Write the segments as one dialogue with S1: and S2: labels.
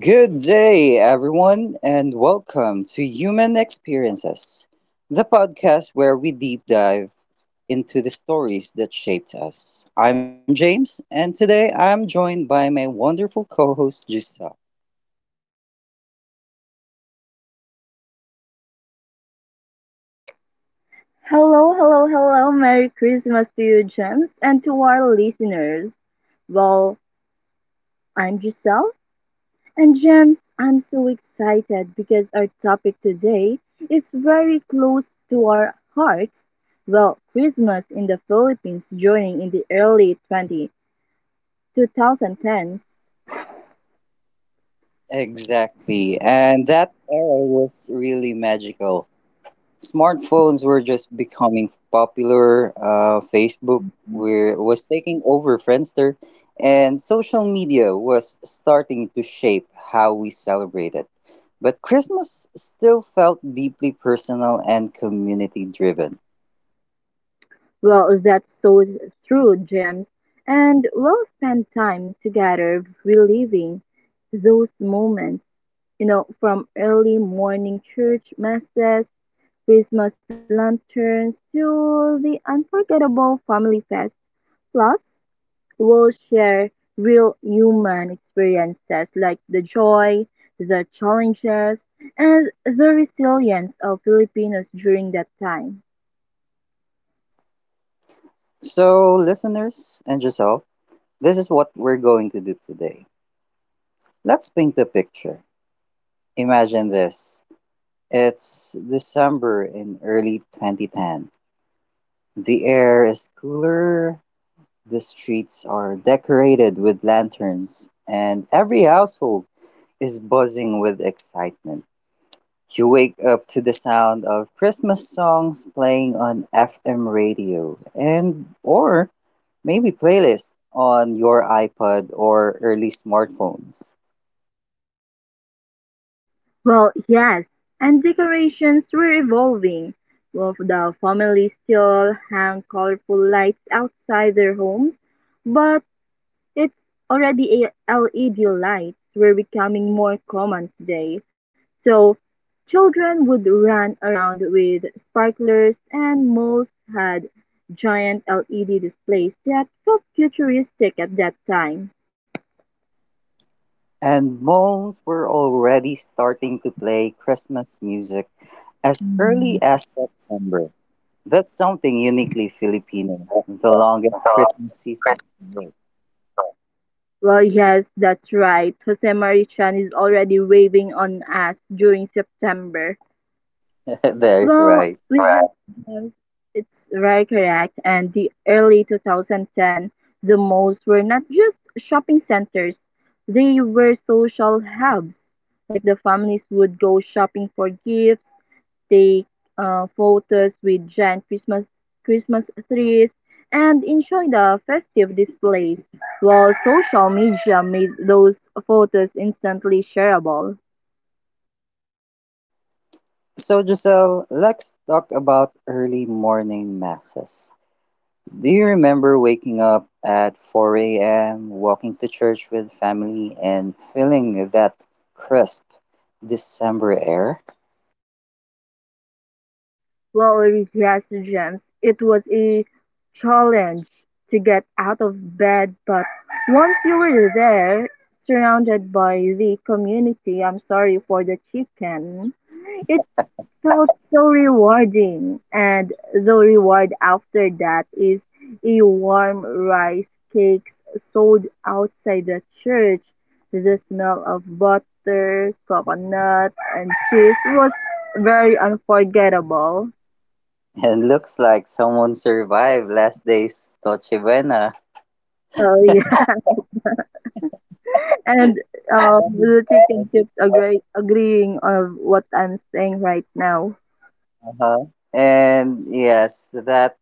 S1: Good day, everyone, and welcome to Human Experiences, the podcast where we deep dive into the stories that shaped us. I'm James, and today I'm joined by my wonderful co host, Giselle.
S2: Hello, hello, hello. Merry Christmas to you, Gems, and to our listeners. Well, I'm Giselle, and Gems, I'm so excited because our topic today is very close to our hearts. Well, Christmas in the Philippines during in the early 22,000 tens.
S1: Exactly, and that era was really magical. Smartphones were just becoming popular. Facebook was taking over Friendster, and social media was starting to shape how we celebrated. But Christmas still felt deeply personal and community driven.
S2: Well, that so through James. And we'll spend time together reliving those moments, from early morning church masses, Christmas lanterns, to the unforgettable family fest. Plus, we'll share real human experiences like the joy, the challenges, and the resilience of Filipinos during that time.
S1: So, listeners and Giselle, this is what we're going to do today. Let's paint the picture. Imagine this. It's December in early 2010. The air is cooler. The streets are decorated with lanterns, and every household is buzzing with excitement. You wake up to the sound of Christmas songs playing on FM radio and or maybe playlists on your iPod or early smartphones.
S2: Well, yes, and decorations were evolving. Well, the family still hang colorful lights outside their homes, but it's already LED lights were becoming more common today. So children would run around with sparklers, and malls had giant LED displays that felt futuristic at that time.
S1: And malls were already starting to play Christmas music as early as September. That's something uniquely Filipino, the longest Christmas season in the world.
S2: Well, yes, that's right. Jose Marichan is already waving on us during September.
S1: That is
S2: Well,
S1: right.
S2: with right, the games, it's very correct. And the early 2010, the malls were not just shopping centers, they were social hubs. Like the families would go shopping for gifts, take photos with giant Christmas trees and enjoy the festive displays, while social media made those photos instantly shareable.
S1: So, Giselle, let's talk about early morning masses. Do you remember waking up at 4 a.m., walking to church with family, and feeling that crisp December air?
S2: Well, yes, James, it was a challenge to get out of bed, but once you were there, surrounded by the community, I'm sorry for the chicken, it. So it's so rewarding, and the reward after that is a warm rice cakes sold outside the church. The smell of butter, coconut, and cheese was very unforgettable.
S1: And looks like someone survived last day's Noche Buena.
S2: So yeah, and the chicken
S1: Yes,
S2: keeps agreeing of what I'm saying right now.
S1: uh-huh. And yes, that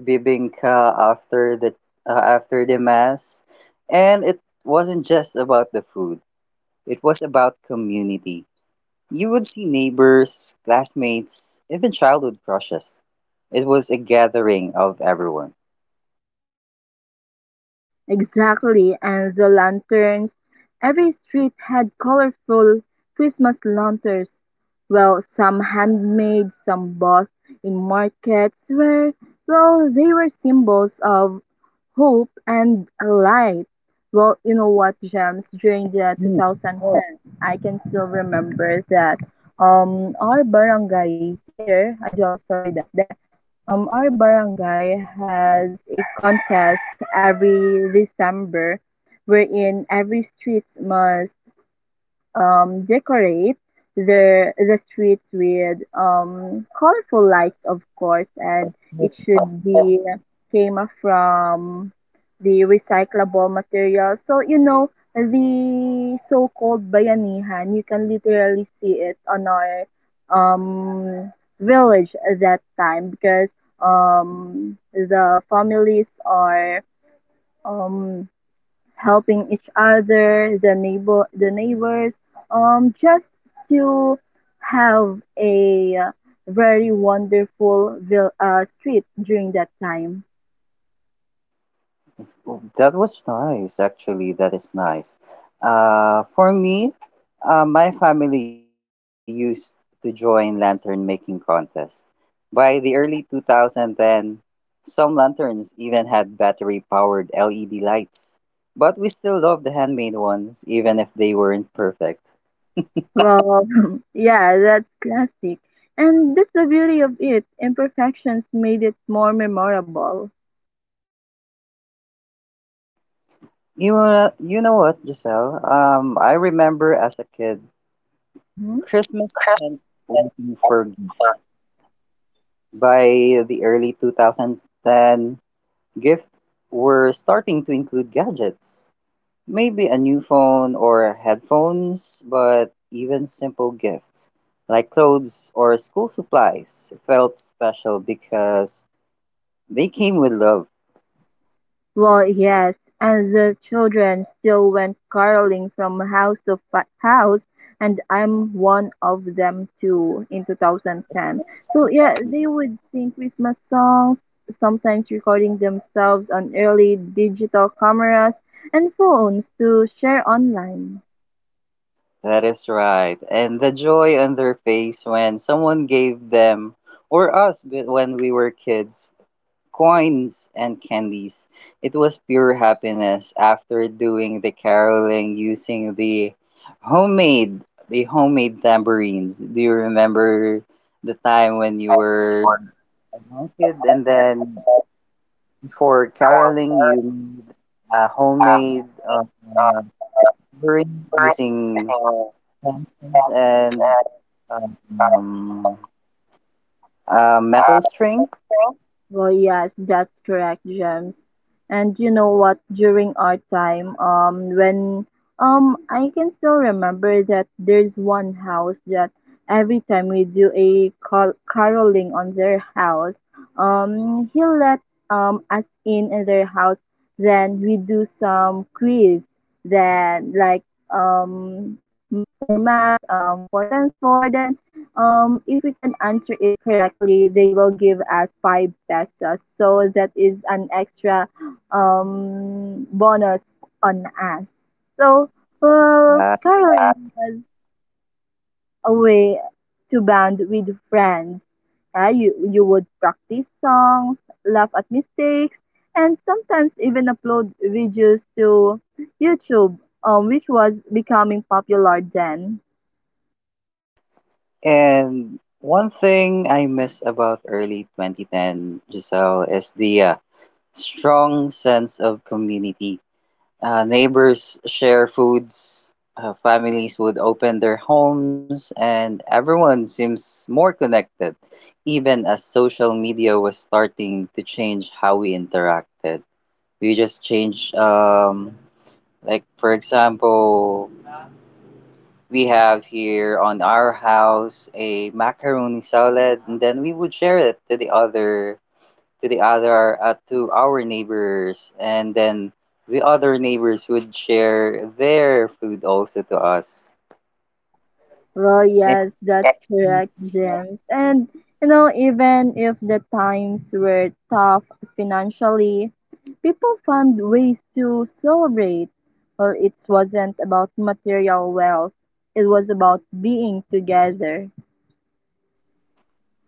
S1: bibingka after the mass, and it wasn't just about the food. It was about community. You would see neighbors, classmates, even childhood crushes. It was a gathering of everyone.
S2: Exactly, and the lanterns. Every street had colorful Christmas lanterns. Well, some handmade, some bought in markets where, well, they were symbols of hope and a light. Well, you know what, Gems? During the
S1: Hmm.
S2: 2010, I can still remember that our barangay here. I do have a story that our barangay has a contest every December, wherein every street must decorate the streets with colorful lights, of course, and it should be came from the recyclable materials. So you know the so-called bayanihan, you can literally see it on our um, village at that time because the families are um, helping each other, the neighbors, just to have a very wonderful street during that time.
S1: That was nice, actually. That is nice. For me, my family used to join lantern making contests. By the early 2010, some lanterns even had battery powered LED lights. But we still loved the handmade ones, even if they weren't perfect.
S2: Well, yeah, that's classic, and that's the beauty of it. Imperfections made it more memorable.
S1: You know what, Giselle? I remember as a kid,
S2: Hmm.
S1: Christmas meant waiting for gifts. By the early 2010, gifts were starting to include gadgets. Maybe a new phone or headphones, but even simple gifts like clothes or school supplies felt special because they came with love.
S2: Well, yes, and the children still went caroling from house to house, and I'm one of them too in 2010. So, yeah, they would sing Christmas songs, sometimes recording themselves on early digital cameras and phones to share online.
S1: That is right. And the joy on their face when someone gave them, or us but when we were kids, coins and candies. It was pure happiness after doing the caroling using the homemade tambourines. Do you remember the time when you were a young kid and then for caroling you made a homemade tambourine using pencils and um, a metal string.
S2: Well, yes, that's correct, Gems. And you know what? During our time, when I can still remember that there's one house that every time we do a caroling on their house, he let us in their house. Then we do some quiz. Then like um for math, four times four. Then if we can answer it correctly, they will give us five pesos. So that is an extra bonus on us. So, well,
S1: Uh,
S2: yeah, caroling was a way to bond with friends. You would practice songs, laugh at mistakes, and sometimes even upload videos to YouTube, which was becoming popular then.
S1: and one thing I miss about early 2010, Giselle, is the strong sense of community. Neighbors share foods, families would open their homes, and everyone seems more connected, even as social media was starting to change how we interacted. We just changed, like, for example, we have here on our house a macaroni salad, and then we would share it to the other to the other to our neighbors, and then the other neighbors would share their food also to us.
S2: Well, yes, that's
S1: And,
S2: correct, James. And you know, even if the times were tough financially, people found ways to celebrate. Well, it wasn't about material wealth, it was about being together.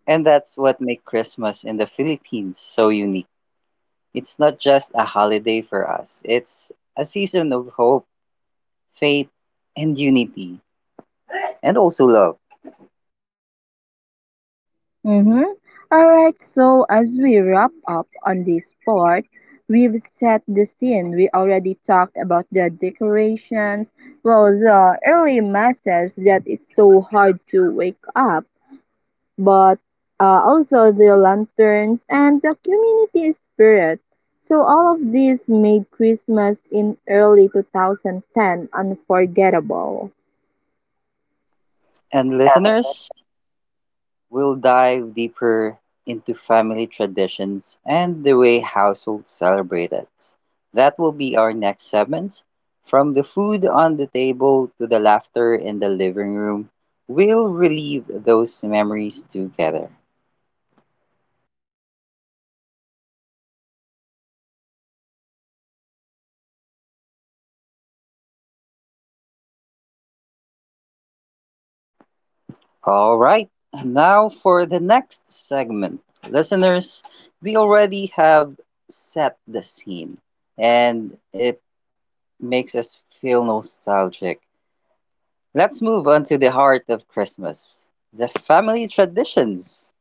S1: and that's what makes Christmas in the Philippines so unique. It's not just a holiday for us. It's a season of hope, faith, and unity, and also love.
S2: Mm-hmm. All right, so as we wrap up on this part, we've set the scene. We already talked about the decorations, well, the early masses that it's so hard to wake up, but also the lanterns and the community spirit. So all of these made Christmas in early 2010 unforgettable.
S1: And listeners, we'll dive deeper into family traditions and the way households celebrate it. That will be our next segment. From the food on the table to the laughter in the living room, we'll relive those memories together. All right, now for the next segment. Listeners, we already have set the scene and it makes us feel nostalgic. Let's move on to the heart of Christmas, the family traditions.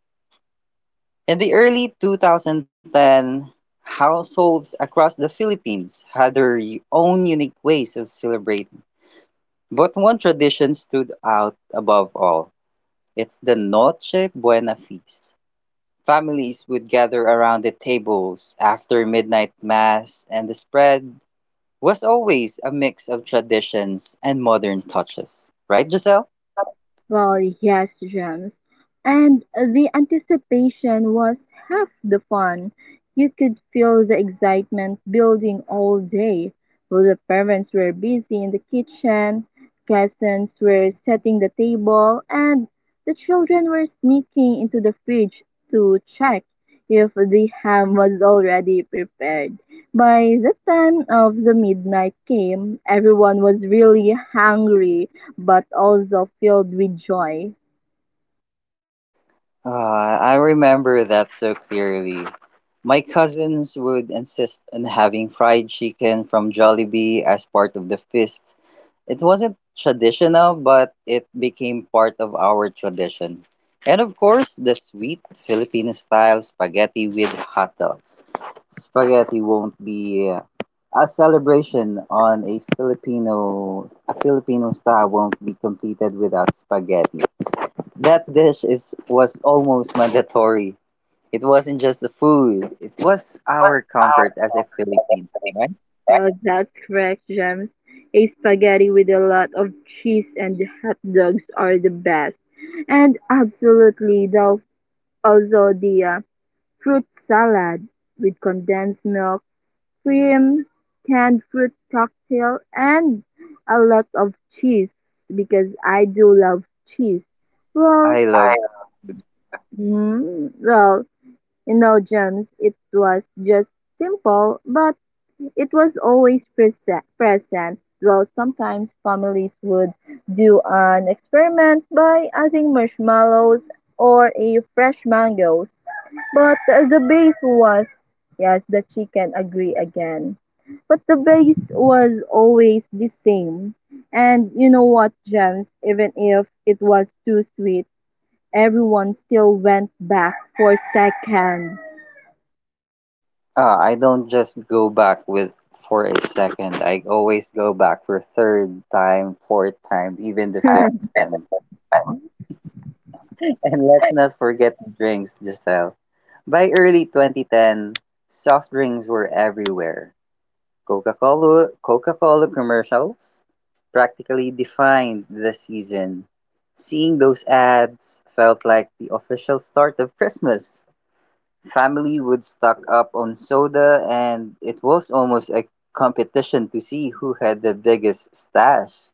S1: In the early 2010, households across the Philippines had their own unique ways of celebrating. But one tradition stood out above all. It's the Noche Buena feast. Families would gather around the tables after midnight mass, and the spread was always a mix of traditions and modern touches. Right, Giselle?
S2: Well, yes, James. And the anticipation was half the fun. You could feel the excitement building all day. Well, the parents were busy in the kitchen, cousins were setting the table, and the children were sneaking into the fridge to check if the ham was already prepared. By the time of the midnight came, everyone was really hungry but also filled with joy.
S1: I remember that so clearly. My cousins would insist on having fried chicken from Jollibee as part of the feast. It wasn't traditional, but it became part of our tradition. And of course, the sweet Filipino style spaghetti with hot dogs. Spaghetti won't be a celebration on a Filipino style won't be completed without spaghetti. That dish is was almost mandatory. It wasn't just the food; it was
S2: What's
S1: our comfort as a Filipino, right?
S2: Well, that's correct, James. A spaghetti with a lot of cheese and hot dogs are the best. And absolutely, also the fruit salad with condensed milk, cream, canned fruit cocktail, and a lot of cheese because I do love cheese. Well,
S1: I love.
S2: well, no jumps, it was just simple, but it was always present. Well, sometimes families would do an experiment by adding marshmallows or a fresh mangoes, but the base was yes, the chicken agree again. But the base was always the same. And you know what, Gems, even if it was too sweet, everyone still went back for seconds.
S1: I don't just go back with for a second. I always go back for third time, fourth time, even the
S2: 哎，对
S1: fifth
S2: 对
S1: time.
S2: 对，哎
S1: And let's not forget the drinks, Giselle. By early 2010, soft drinks were everywhere. Coca Cola commercials practically defined the season. Seeing those ads felt like the official start of Christmas. Family would stock up on soda and it was almost a competition to see who had the biggest stash.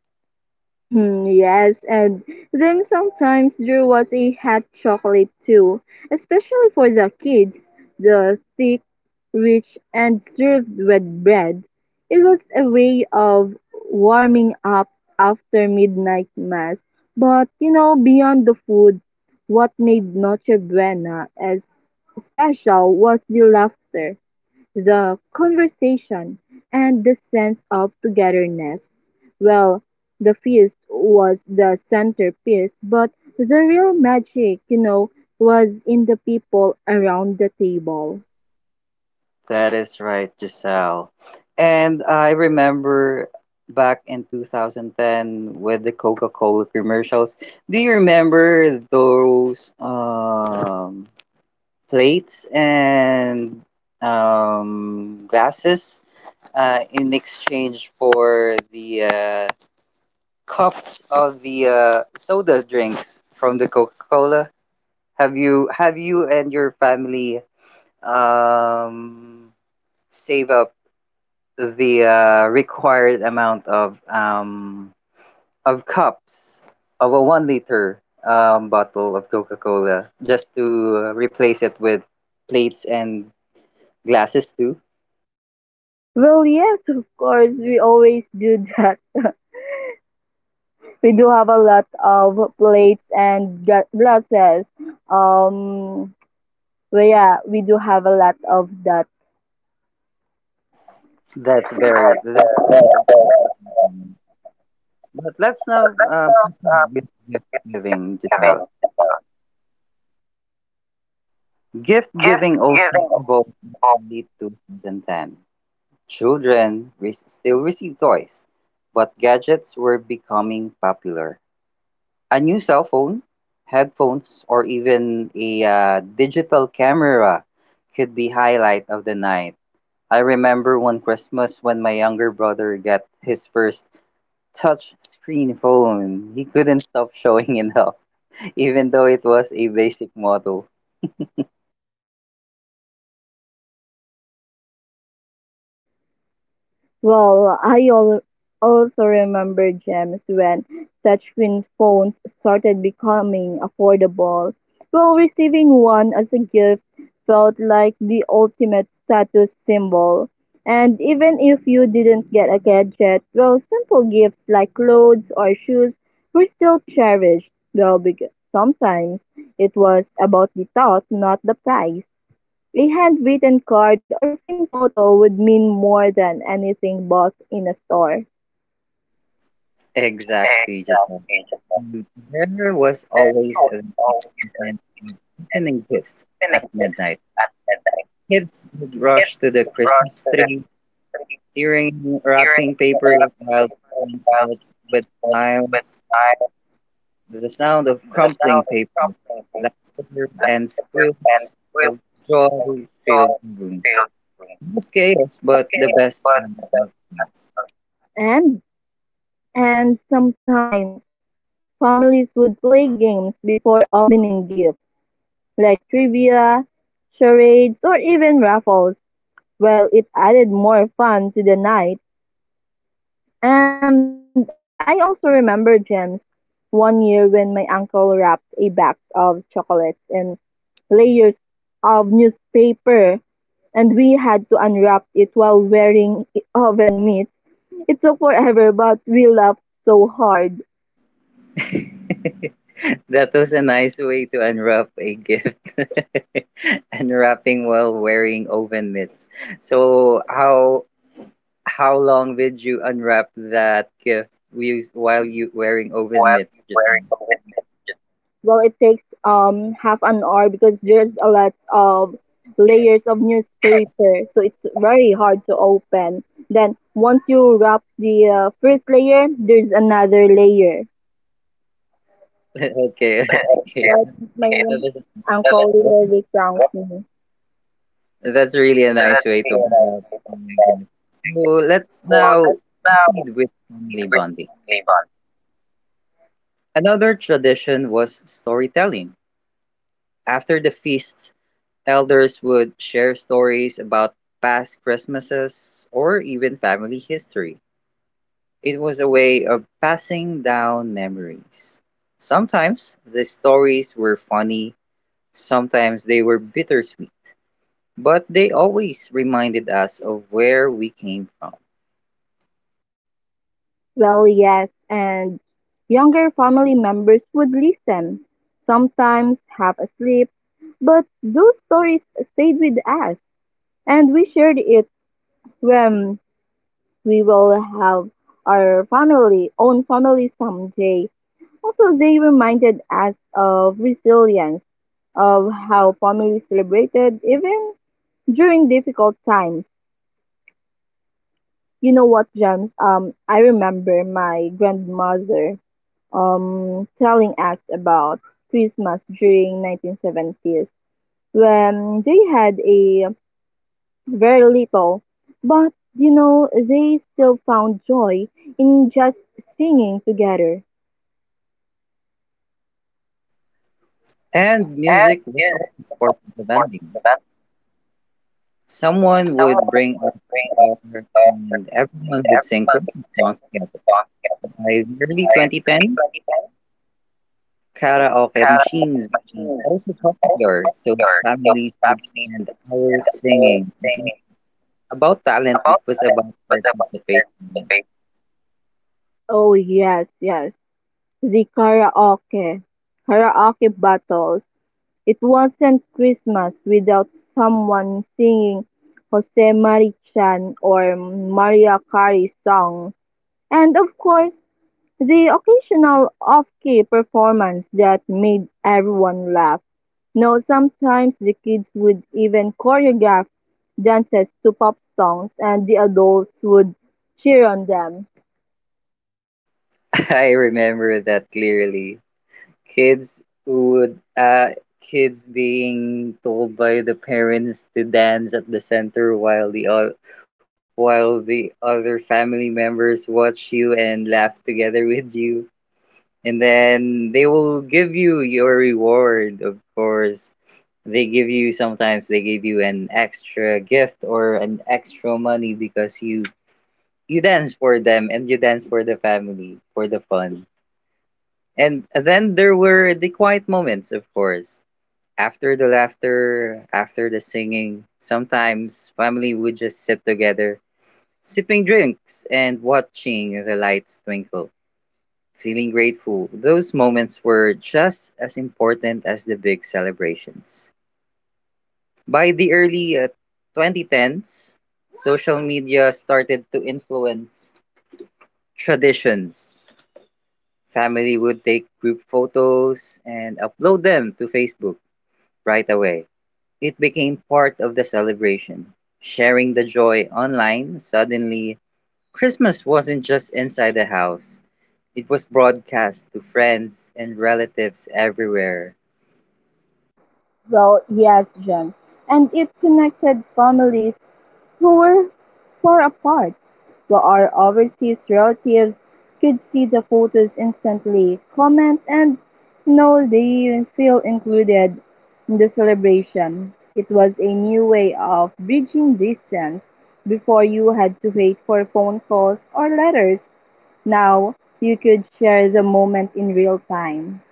S2: Hmm, yes, and then sometimes there was a hot chocolate too, especially for the kids, the thick, rich, and served with bread. It was a way of warming up after midnight mass. But you know, beyond the food, what made Noche Buena as special was the laughter, the conversation, and the sense of togetherness. Well, the feast was the centerpiece, but the real magic, was in the people around the table.
S1: That is right, Giselle. And I remember back in 2010 with the Coca-Cola commercials. Do you remember those plates and glasses in exchange for the cups of the soda drinks from the Coca Cola. Have you and your family um, save up the required amount of cups of a 1 liter bottle of Coca Cola just to replace it with plates and glasses too?
S2: Well, yes, of course, we always do that. We do have a lot of plates and glasses. Um, well, yeah, we do have a lot of that.
S1: That's very interesting. But let's now proceed with gift giving, Giselle. Gift
S2: Gift
S1: giving also
S2: giving.
S1: evolved in late 2010. Still receive toys, but gadgets were becoming popular. A new cell phone, headphones, or even a digital camera could be highlight of the night. I remember one Christmas when my younger brother got his first touch screen phone. He couldn't stop showing it off, even though it was a basic model.
S2: Well, I also remember, Gems, when touchscreen phones started becoming affordable. Well, receiving one as a gift felt like the ultimate status symbol. And even if you didn't get a gadget, well, simple gifts like clothes or shoes were still cherished. Well, because sometimes it was about the thought, not the price. A handwritten card or framed photo would mean more than anything bought in a store.
S1: Exactly, just like
S2: Exactly, Japan.
S1: mm, there was
S2: There
S1: always
S2: was
S1: an
S2: always a
S1: excitement
S2: feast
S1: of
S2: and
S1: opening gift
S2: spinning
S1: at
S2: gifts
S1: midnight.
S2: at midnight.
S1: Kids would
S2: Kids
S1: rush to the
S2: would rush
S1: Christmas
S2: to the
S1: tree,
S2: Christmas tree,
S1: tearing
S2: tearing
S1: wrapping
S2: and
S1: paper
S2: wrapping
S1: while
S2: paper
S1: parents
S2: without
S1: watched with
S2: slips with
S1: smiles.
S2: knives.
S1: The sound of
S2: The
S1: crumpling
S2: sound of
S1: paper,
S2: crumpling paper,
S1: laughter, and
S2: laughter, and
S1: squeals of
S2: squeals of
S1: joy filled
S2: joy
S1: the room.
S2: filled the room. It
S1: It's chaos,
S2: was
S1: but the
S2: chaos,
S1: best
S2: but
S1: kind
S2: the
S1: of
S2: best
S1: things.
S2: memory. And And sometimes families would play games before opening gifts, like trivia, charades, or even raffles. Well, it added more fun to the night. And I also remember, Gems, one year when my uncle wrapped a box of chocolates in layers of newspaper, and we had to unwrap it while wearing oven mitts. It took forever, but we laughed so hard.
S1: That was a nice way to unwrap a gift. Unwrapping while wearing oven mitts. So how long did you unwrap that while you wearing oven mitts just now?
S2: Well, it takes half an hour because there's a lot of layers of newspaper, so it's very hard to open. Then once you wrap the first layer, there's another layer.
S1: Okay,
S2: So
S1: okay.
S2: I think my
S1: That was nice.
S2: uncle
S1: That,
S2: literally pranked
S1: that's really a nice way to unwrap a gift. So let's now proceed with family bonding.
S2: me.
S1: Another tradition was storytelling. After the feasts, elders would share stories about past Christmases or even family history. It was a way of passing down memories. Sometimes the stories were funny, sometimes they were bittersweet, but they always reminded us of where we came from.
S2: Well, yes, and younger family members would listen, sometimes half asleep, but those stories stayed with us, and we shared it when we will have our family, own family someday. Also, they reminded us of resilience, of how family celebrated even during difficult times. You know what, James? I remember my grandmother telling us about Christmas during 1970s when they had a very little, but they still found joy in just singing together.
S1: And
S2: And
S1: music was
S2: music
S1: always
S2: was
S1: part
S2: also
S1: of the
S2: sports
S1: bonding.
S2: event.
S1: Someone would
S2: Someone
S1: bring
S2: would
S1: up a
S2: bring up
S1: guitar
S2: a daughter
S1: and
S2: and
S1: everyone would sing
S2: everyone would
S1: Christmas
S2: sing
S1: songs
S2: this
S1: together.
S2: song together.
S1: By the early
S2: By early
S1: 2010,
S2: 2010,
S1: karaoke
S2: Carol
S1: machines were
S2: Machine
S1: also
S2: also
S1: popular, so
S2: popular, so
S1: families would
S2: family
S1: spend
S2: would
S1: hours
S2: spend all
S1: singing. It was
S2: singing.
S1: about talent, it
S2: About
S1: was
S2: Alan
S1: about
S2: was about Alan's
S1: participation.
S2: favorite. Oh, yes, yes. The karaoke. Karaoke battles. It wasn't Christmas without someone singing Jose Marichan or Maria Carey song. And of course, the occasional off-key performance that made everyone laugh. No, sometimes the kids would even choreograph dances to pop songs and the adults would cheer on them.
S1: I remember that clearly. kids would uh kids being told by the parents to dance at the center while the other family members watch you and laugh together with you and then they will give you your reward. Of course they give you, sometimes they give you an extra gift or an extra money because you dance for them and you dance for the family for the fun. And then there were the quiet moments of course, after the laughter, after the singing, sometimes family would just sit together, sipping drinks and watching the lights twinkle, feeling grateful. Those moments were just as important as the big celebrations. By the early 2010s, social media started to influence traditions. Family would take group photos and upload them to Facebook right away. It became part of the celebration, sharing the joy online. Suddenly, Christmas wasn't just inside the house, it was broadcast to friends and relatives everywhere,
S2: Well, yes, James. And it connected families who were far apart. While our overseas relatives could see the photos instantly, comment, and know they feel included in the celebration. It was a new way of bridging distance. Before you had to wait for phone calls or letters. Now you could share the moment in real time.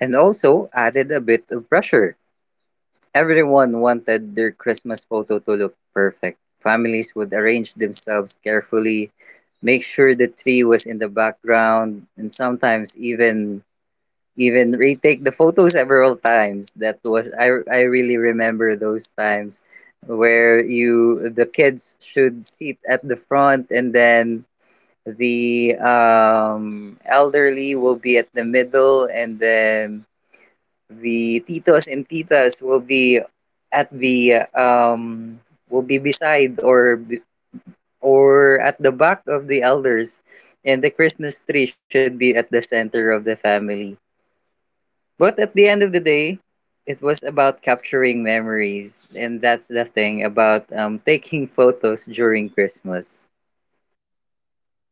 S1: and also added a bit of pressure. Everyone wanted their Christmas photo to look perfect. Families would arrange themselves carefully, make sure the tree was in the background, and sometimes even retake the photos several times. That was, I really remember those times where you the kids should sit at the front and then the elderly will be at the middle and then the titos and titas will be at the will be beside or b- or at the back of the elders and the Christmas tree should be at the center of the family. But at the end of the day, it was about capturing memories, and that's the thing about taking photos during Christmas.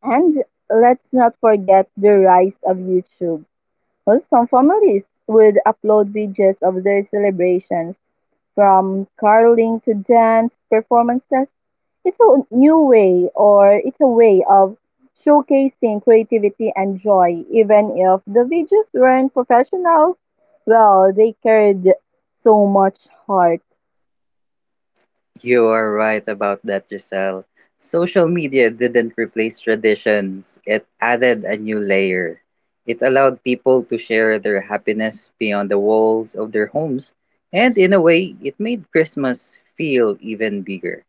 S2: And let's not forget the rise of YouTube, where some families would upload videos of their celebrations, from caroling to dance performances. It's a new way, or it's a way of showcasing creativity and joy, even if the videos weren't professional. Well, they carried so much heart.
S1: You are right about that, Giselle. Social media didn't replace traditions, it added a new layer. It allowed people to share their happiness beyond the walls of their homes, and in a way, it made Christmas feel even bigger.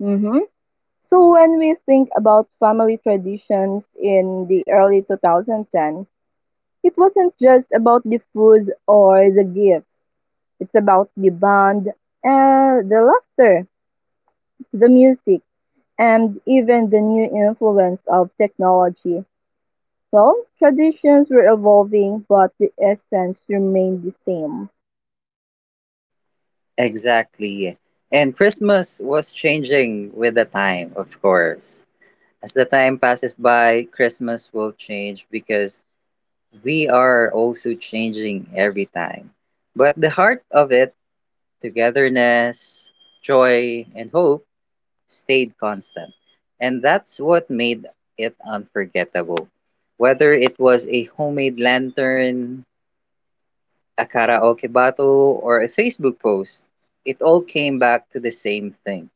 S2: Hmm. So when we think about family traditions in the early 2010, it wasn't just about the food or the gifts. It's about the band, the laughter, the music, and even the new influence of technology. Well, traditions were evolving, but the essence remained the same.
S1: Exactly. And Christmas was changing with the time, of course. As the time passes by, Christmas will change because we are also changing every time. But the heart of it, togetherness, joy, and hope, stayed constant. And that's what made it unforgettable. Whether it was a homemade lantern, a karaoke battle, or a Facebook post, it all came back to the same thing,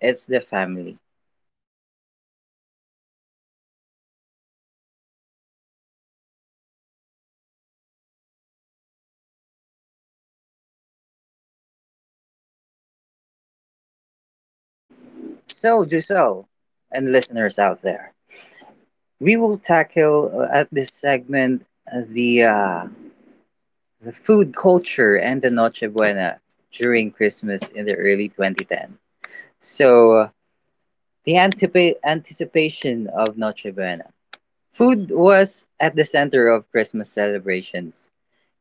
S1: it's the family. So, Giselle, and listeners out there, we will tackle, at this segment, the food culture and the Noche Buena during Christmas in the early 2010. So uh, the anticipation of Noche Buena. Food was at the center of Christmas celebrations.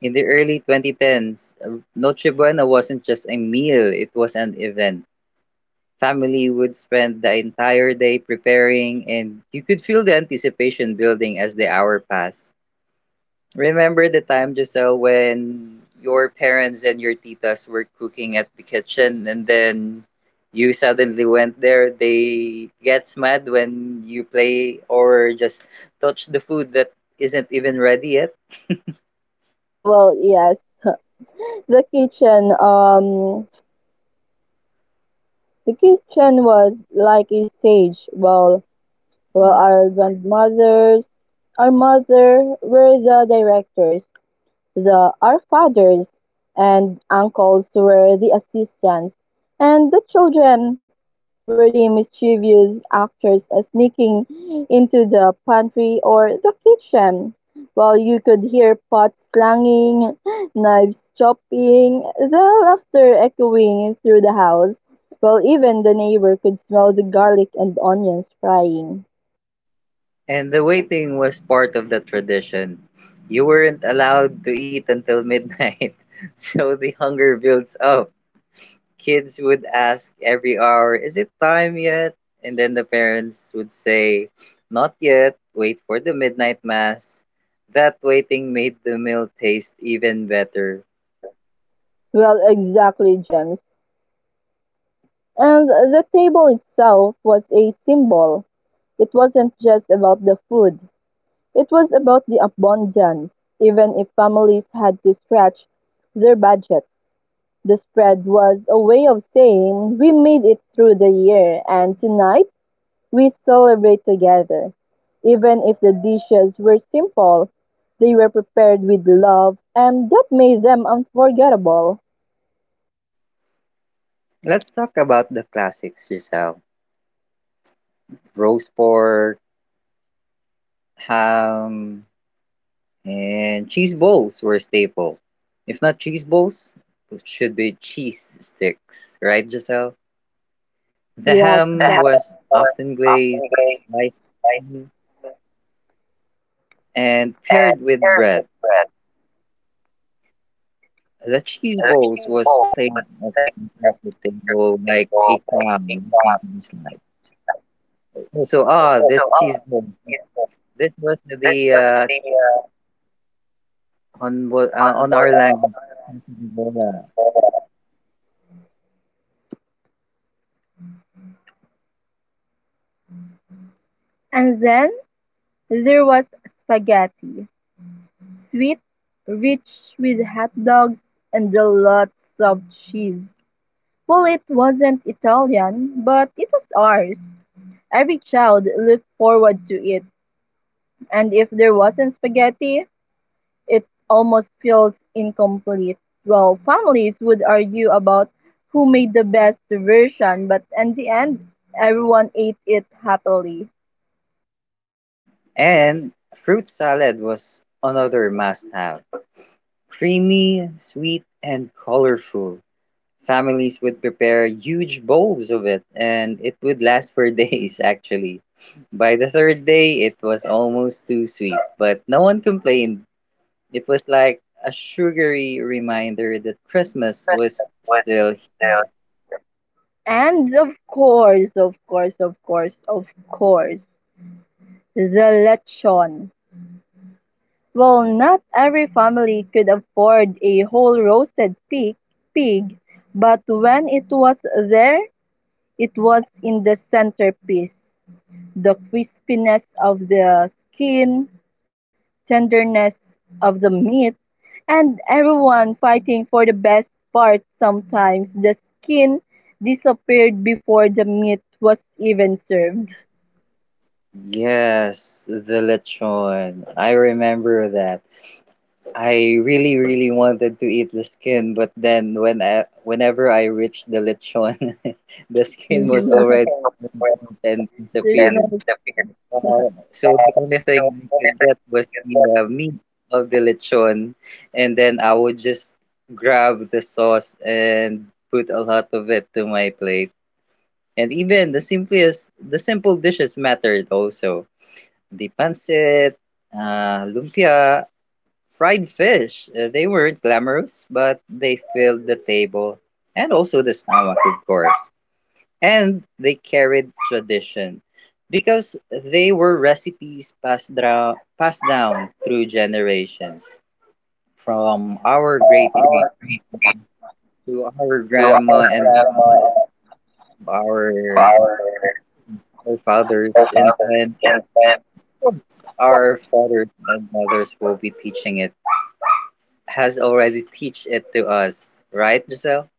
S1: In the early 2010s, Noche Buena wasn't just a meal, it was an event. Family would spend the entire day preparing, and you could feel the anticipation building as the hour passed. Remember the time, Giselle, when your parents and your titas were cooking at the kitchen and then you suddenly went there? They gets mad when you play or just touch the food that isn't even ready yet.
S2: Well, yes, the kitchen, um, the kitchen was like a stage. Well,
S1: Mm.
S2: our grandmothers, our mother were the directors. The "Our Fathers" and uncles were the assistants, and the children were the mischievous actors sneaking into the pantry or the kitchen, while you could hear pots clanging, knives chopping, the laughter echoing through the house, while even the neighbor could smell the garlic and onions frying.
S1: And the waiting was part of the tradition. You weren't allowed to eat until midnight, so the hunger builds up. Kids would ask every hour, is it time yet? And then the parents would say, not yet, wait for the midnight mass. That waiting made the meal taste even better.
S2: Well, exactly, James. And the table itself was a symbol. It wasn't just about the food, it was about the abundance. Even if families had to stretch their budgets, the spread was a way of saying we made it through the year and tonight we celebrate together. Even if the dishes were simple, they were prepared with love and that made them unforgettable.
S1: Let's talk about the classics, Giselle. Roast pork, ham, and cheese balls were a staple. If not cheese balls, it should be cheese sticks, right, Giselle? The
S2: Yes, the Jack.
S1: ham was
S2: Halibut was
S1: often
S2: often
S1: glazed,
S2: grilled,
S1: sliced,
S2: spicy,
S1: mhm, and
S2: and
S1: paired with
S2: served
S1: bread.
S2: with bread.
S1: The cheese balls
S2: Electric
S1: was
S2: Ball was
S1: played at the
S2: played as
S1: center of the table
S2: the
S1: like a
S2: ball by
S1: crown
S2: big
S1: looking
S2: arm.
S1: to be slight. So, ah,
S2: So
S1: this cheese
S2: all of
S1: ball.
S2: this
S1: This was
S2: this
S1: the
S2: was the
S1: on on our
S2: on
S1: language. Quesadilla.
S2: uh, and then there was spaghetti, sweet, rich with hot dogs and lots of cheese. Well, it wasn't Italian, but it was ours. Every child looked forward to it, and if there wasn't spaghetti, it almost feels incomplete. Well, families would argue about who made the best version, but in the end, everyone ate it happily.
S1: And fruit salad was another must-have. Creamy, sweet, and colorful. Families would prepare huge bowls of it, and it would last for days, actually. By the third day, it was almost too sweet, but no one complained. It was like a sugary reminder that Christmas was
S2: Christmas was
S1: still.
S2: still. And of course, the lechon. Well, not every family could afford a whole roasted pig, but when it was there, it was in the centerpiece. The crispiness of the skin, tenderness of the meat, and everyone fighting for the best part. Sometimes the skin disappeared before the meat was even served.
S1: Yes, the lechon. I remember that. I really, really wanted to eat the skin, but then whenever I reached the lechon, the skin was
S2: Mhm. There's
S1: already removed and
S2: There's no
S1: disappeared.
S2: disappeared.
S1: So the only thing
S2: So,
S1: I could
S2: innocent
S1: get was
S2: is
S1: the
S2: what
S1: meat of the lechon, and then I would just grab the sauce and put a lot of it to my plate. And even the simple dishes mattered also. The pancit, lumpia, fried fish. They weren't glamorous, but they filled the table and also the stomach, of course, and they carried tradition because they were recipes passed, passed down through generations from our great great
S2: power
S1: to our
S2: to our
S1: grandma and
S2: grandma and
S1: our
S2: our
S1: forefathers, and
S2: forefathers,
S1: then
S2: and then
S1: of course, our fathers and mothers will be teaching it, has already teach it to us, right, Giselle?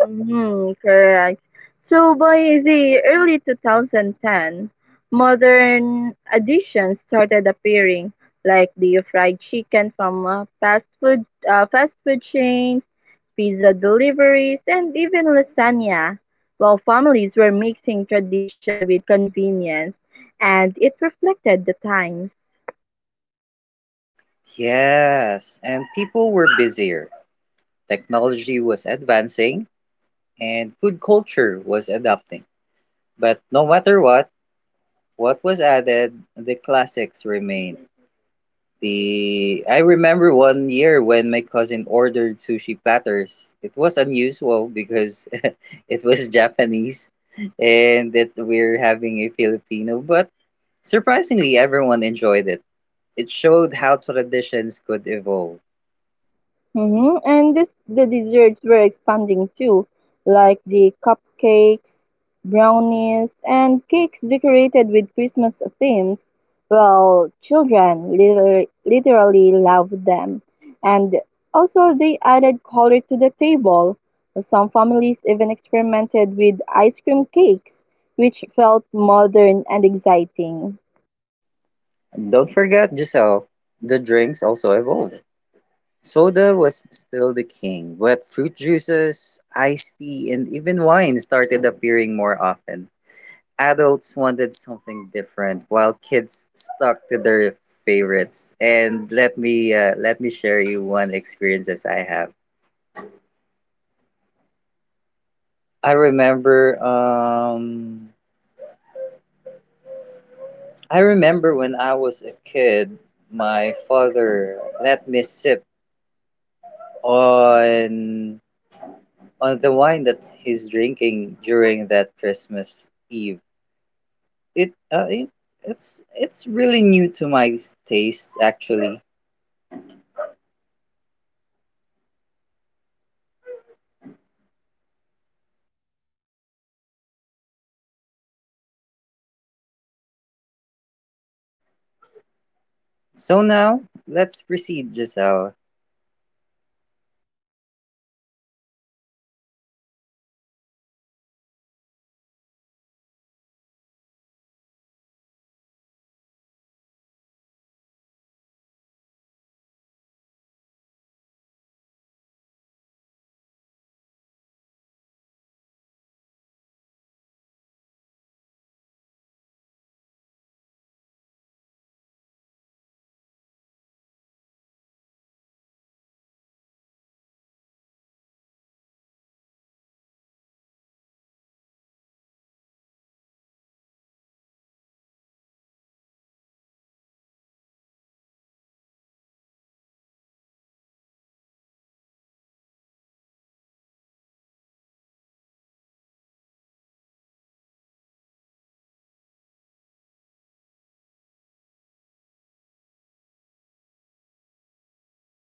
S2: mm-hmm, correct. So by the early 2010, modern additions started appearing, like the fried chicken from fast food chains, pizza deliveries, and even lasagna. While families were mixing tradition with convenience, and it reflected the times.
S1: Yes, and people were busier, technology was advancing, and food culture was adapting. But no matter what was added, the classics remained. The I remember one year when my cousin ordered sushi platters. It was unusual because it was Japanese and that we're having a Filipino, but surprisingly everyone enjoyed it. It showed how traditions could evolve.
S2: Mm-hmm. And this, the desserts were expanding too, like the cupcakes, brownies, and cakes decorated with Christmas themes. Well, children literally, literally loved them. And also, they added color to the table. Some families even experimented with ice cream cakes, which felt modern and
S1: And don't forget, Giselle, the drinks also evolve. Soda was still the king, but fruit juices, iced tea, and even wine started appearing more often. Adults wanted something different, while kids stuck to their favorites. And let me share you one experience as I have. I remember um I remember when I was a kid, my father let me sip on on the wine that he's drinking during that Christmas Eve. It uh, it it's really new to my taste, actually. So now let's proceed, Giselle.